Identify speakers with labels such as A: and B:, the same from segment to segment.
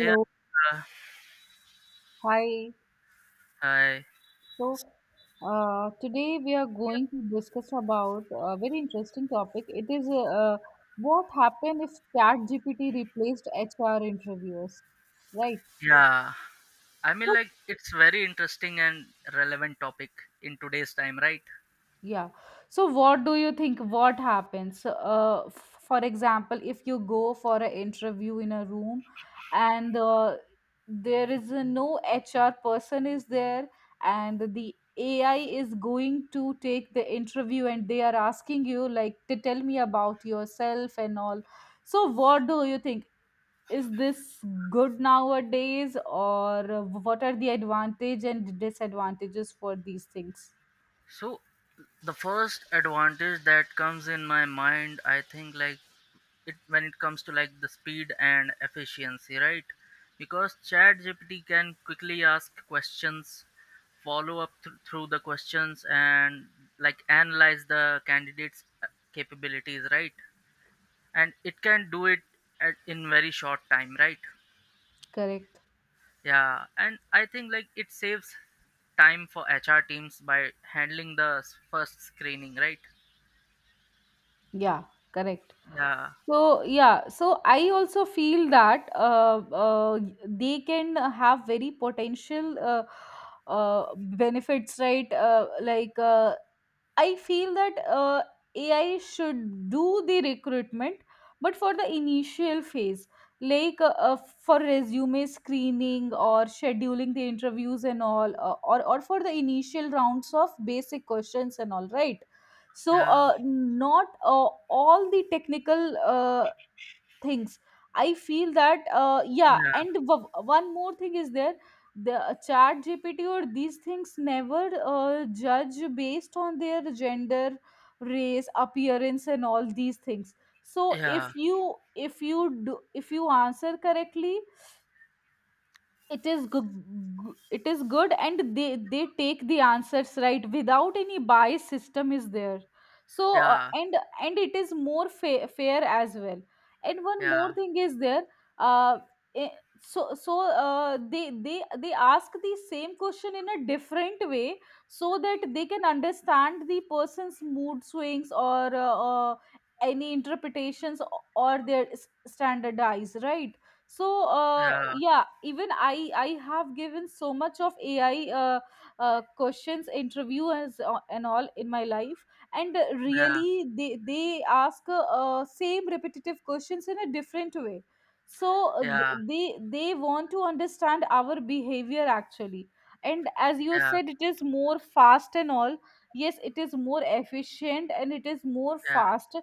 A: Yeah. uh,
B: hi.
A: Hi.
B: So, today we are going to discuss about a very interesting topic. It is what happened if ChatGPT replaced HR interviewers, right?
A: Yeah.
B: So,
A: It's very interesting and relevant topic in today's time, right?
B: Yeah. So what do you think what happens? For example, if you go for an interview in a room and there is a no HR person is there, and the AI is going to take the interview and they are asking you like to tell me about yourself and all. So what do you think? Is this good nowadays, or what are the advantage and disadvantages for these things?
A: So, the first advantage that comes in my mind, I think, it when it comes to like the speed and efficiency, right? Because Chat GPT can quickly ask questions, follow up through the questions, and like analyze the candidate's capabilities, right? And it can do it in very short time, right?
B: Correct.
A: Yeah, and I think like it saves time for HR teams by handling the first screening, right?
B: Yeah, correct.
A: Yeah,
B: So, yeah, so I also feel that they can have very potential benefits, right? Like I feel that AI should do the recruitment, but for the initial phase, like for resume screening or scheduling the interviews and all, or for the initial rounds of basic questions and all, right? So,
A: yeah,
B: not all the technical things I feel that, yeah. And one more thing is there: the chat gpt or these things never judge based on their gender, race, appearance, and all these things. So
A: yeah,
B: if you, if you do if you answer correctly, it is good. It is good, and they take the answers right, without any bias system is there. So uh,
A: yeah,
B: and and it is more fair as well. And one
A: yeah,
B: more thing is there. Uh eh, so so uh, they they they ask the same question in a different way, so that they can understand the person's mood swings or any interpretations or their standardize, right? So,
A: yeah,
B: yeah, even I have given so much of ai questions, interviews, and all in my life. And
A: yeah,
B: really they ask same repetitive questions in a different way. So uh,
A: yeah,
B: th- they they want to understand our behavior, actually. And as you
A: yeah, yeah,
B: said, it is more fast and all. Yes, it is more efficient and it is more
A: yeah,
B: fast.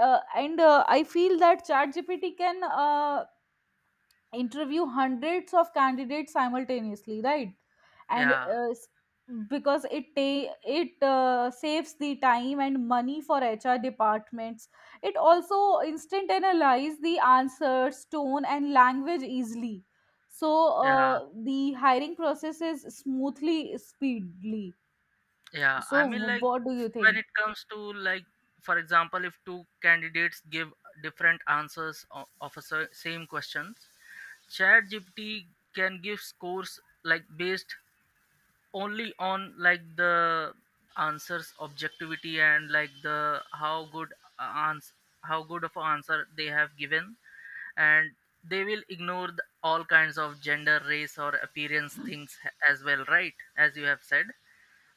B: And I feel that ChatGPT can interview hundreds of candidates simultaneously, right? And
A: yeah,
B: because it saves the time and money for hr departments. It also instant analyze the answers, tone, and language easily. So
A: yeah,
B: the hiring process is smoothly, speedily.
A: yeah.
B: So what do you
A: When
B: think?
A: it comes to, like, for example, if two candidates give different answers of a same question, ChatGPT can give scores like based only on like the answer's objectivity and like the how good ans how good of answer they have given, and they will ignore the, all kinds of gender, race or appearance things as well, right, as you have said.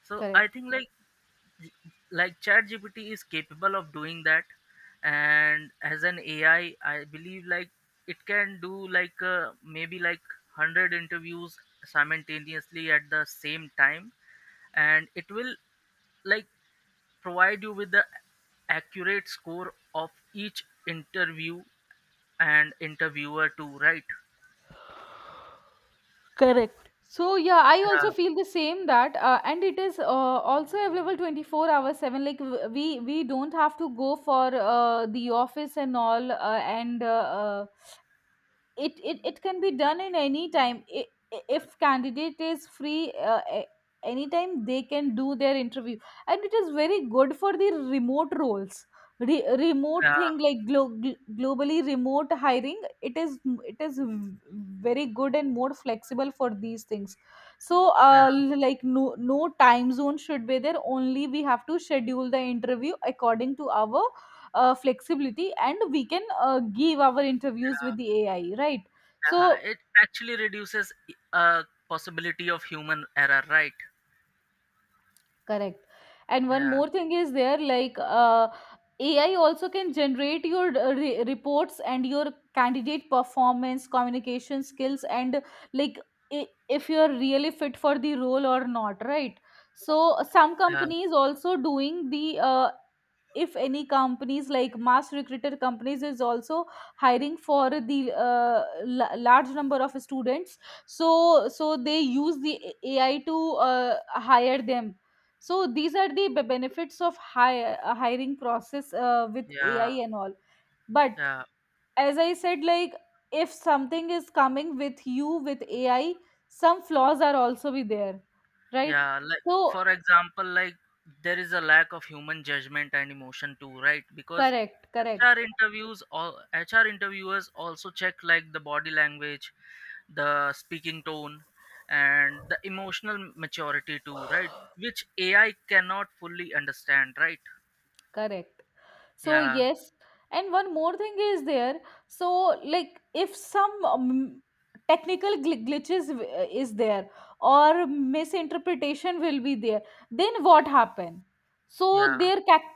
A: So I
B: Correct.
A: think like, y- like ChatGPT is capable of doing that, and as an AI, I believe like it can do like maybe like 100 interviews simultaneously at the same time, and it will like provide you with the accurate score of each interview and interviewer too, right?
B: Correct. So yeah, I
A: Yeah,
B: also feel the same that, and it is also available twenty four hours seven. Like we don't have to go for the office and all. It can be done in any time. If candidate is free, anytime they can do their interview. And it is very good for the remote roles. Remote
A: yeah,
B: thing like globally remote hiring, it is it is very good and more flexible for these things. So
A: yeah,
B: like, no time zone should be there. Only we have to schedule the interview according to our flexibility, and we can give our interviews
A: yeah.
B: with the ai, right?
A: Yeah.
B: so
A: It actually reduces a possibility of human error, right?
B: Correct. And one
A: Yeah,
B: more thing is there, like, AI also can generate your reports and your candidate performance, communication skills, and like i- if you're really fit for the role or not, right? So some
A: yeah,
B: companies also doing the if any companies like mass recruiter companies is also hiring for the uh, large number of students, so they use the ai to uh, hire them. So these are the benefits of hiring process with
A: yeah.
B: ai and all. But
A: Yeah,
B: as I said, like, if something is coming with you with ai, some flaws are also be there, right?
A: yeah. Like
B: So
A: for example, like there is a lack of human judgment and emotion too, right? Because
B: correct, correct,
A: HR interviews, all HR interviewers also check like the body language, the speaking tone, and the emotional maturity too, right? Which AI cannot fully understand, right?
B: correct. So
A: Yeah,
B: yes, and one more thing is there. So like, if some technical glitches is there, or misinterpretation will be there, then what happen? so
A: yeah,
B: their ca-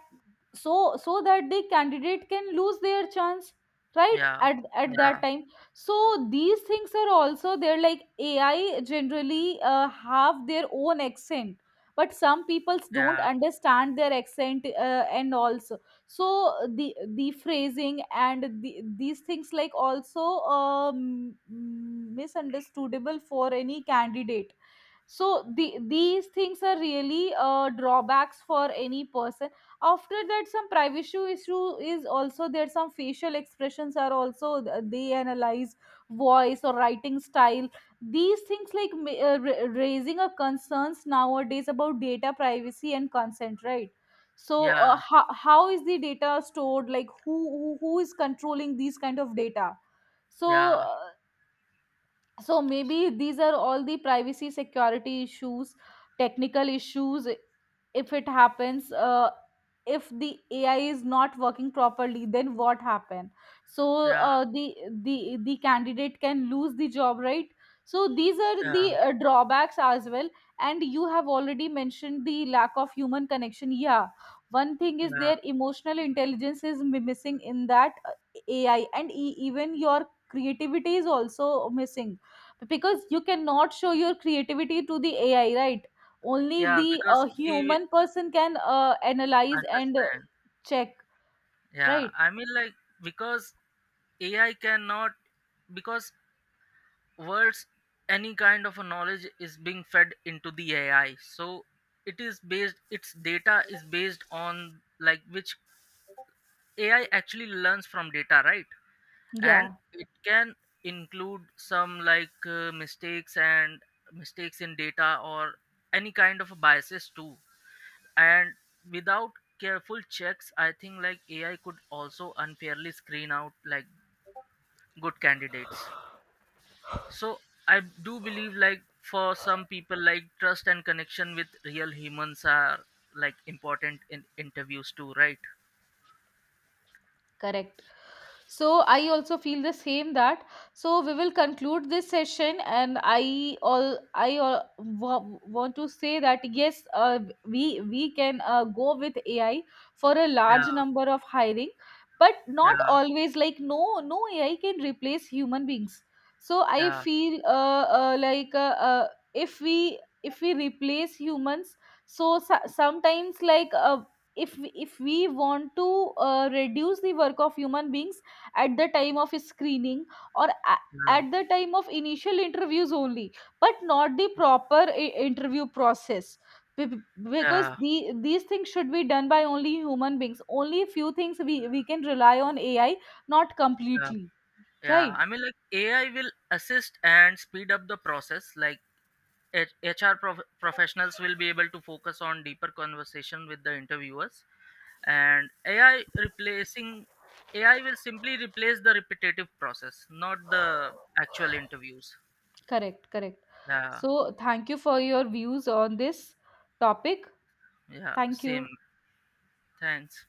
B: so so that the candidate can lose their chance, right,
A: yeah,
B: at that time. So these things are also there, like ai generally have their own accent, but some peoples don't
A: yeah,
B: understand their accent, and also so the phrasing and these things like also misunderstandable for any candidate. So these things are really drawbacks for any person. After that, some privacy issue is also there. Some facial expressions are also, they analyze voice or writing style. These things like raising a concerns nowadays about data privacy and consent, right?
A: yeah,
B: So
A: yeah,
B: how is the data stored, like who is controlling these kind of data? so
A: yeah,
B: uh, so maybe these are all the privacy security issues, technical issues. If it happens, if the ai is not working properly, then what happen? So
A: yeah,
B: uh, the the candidate can lose the job, right? So these are
A: yeah,
B: the drawbacks as well. And you have already mentioned the lack of human connection. Yeah, one thing is
A: yeah,
B: their emotional intelligence is missing in that, ai, and even your creativity is also missing, because you cannot show your creativity to the ai, right? Only
A: yeah.
B: the
A: Because he will
B: human person can analyze and
A: understand.
B: check,
A: Yeah,
B: right?
A: I mean like because AI cannot because words any kind of a knowledge is being fed into the AI. So it is based, its data is based on like which AI actually learns from data, right? And
B: Yeah.
A: it can include some like mistakes in data or any kind of biases too, and without careful checks, I think like AI could also unfairly screen out like good candidates. So I do believe like for some people like trust and connection with real humans are like important in interviews too, right?
B: Correct. So I also feel the same that, so we will conclude this session, and I want to say that yes, we can go with AI for a
A: Yeah,
B: large number of hiring. But not
A: yeah,
B: always, like no AI can replace human beings. So I
A: yeah,
B: feel like if we replace humans, so sometimes like if we want to reduce the work of human beings at the time of screening, or
A: yeah,
B: at the time of initial interviews only, but not the proper interview process. Be- be- because
A: yeah,
B: these things should be done by only human beings. Only few things we can rely on ai, not
A: yeah,
B: completely,
A: yeah.
B: right?
A: AI will assist and speed up the process like H- hr professionals will be able to focus on deeper conversation with the interviewers, and AI will simply replace the repetitive process, not the actual interviews.
B: Correct, correct.
A: Yeah.
B: So thank you for your views on this topic.
A: Yeah,
B: Thank
A: same.
B: you.
A: Thanks.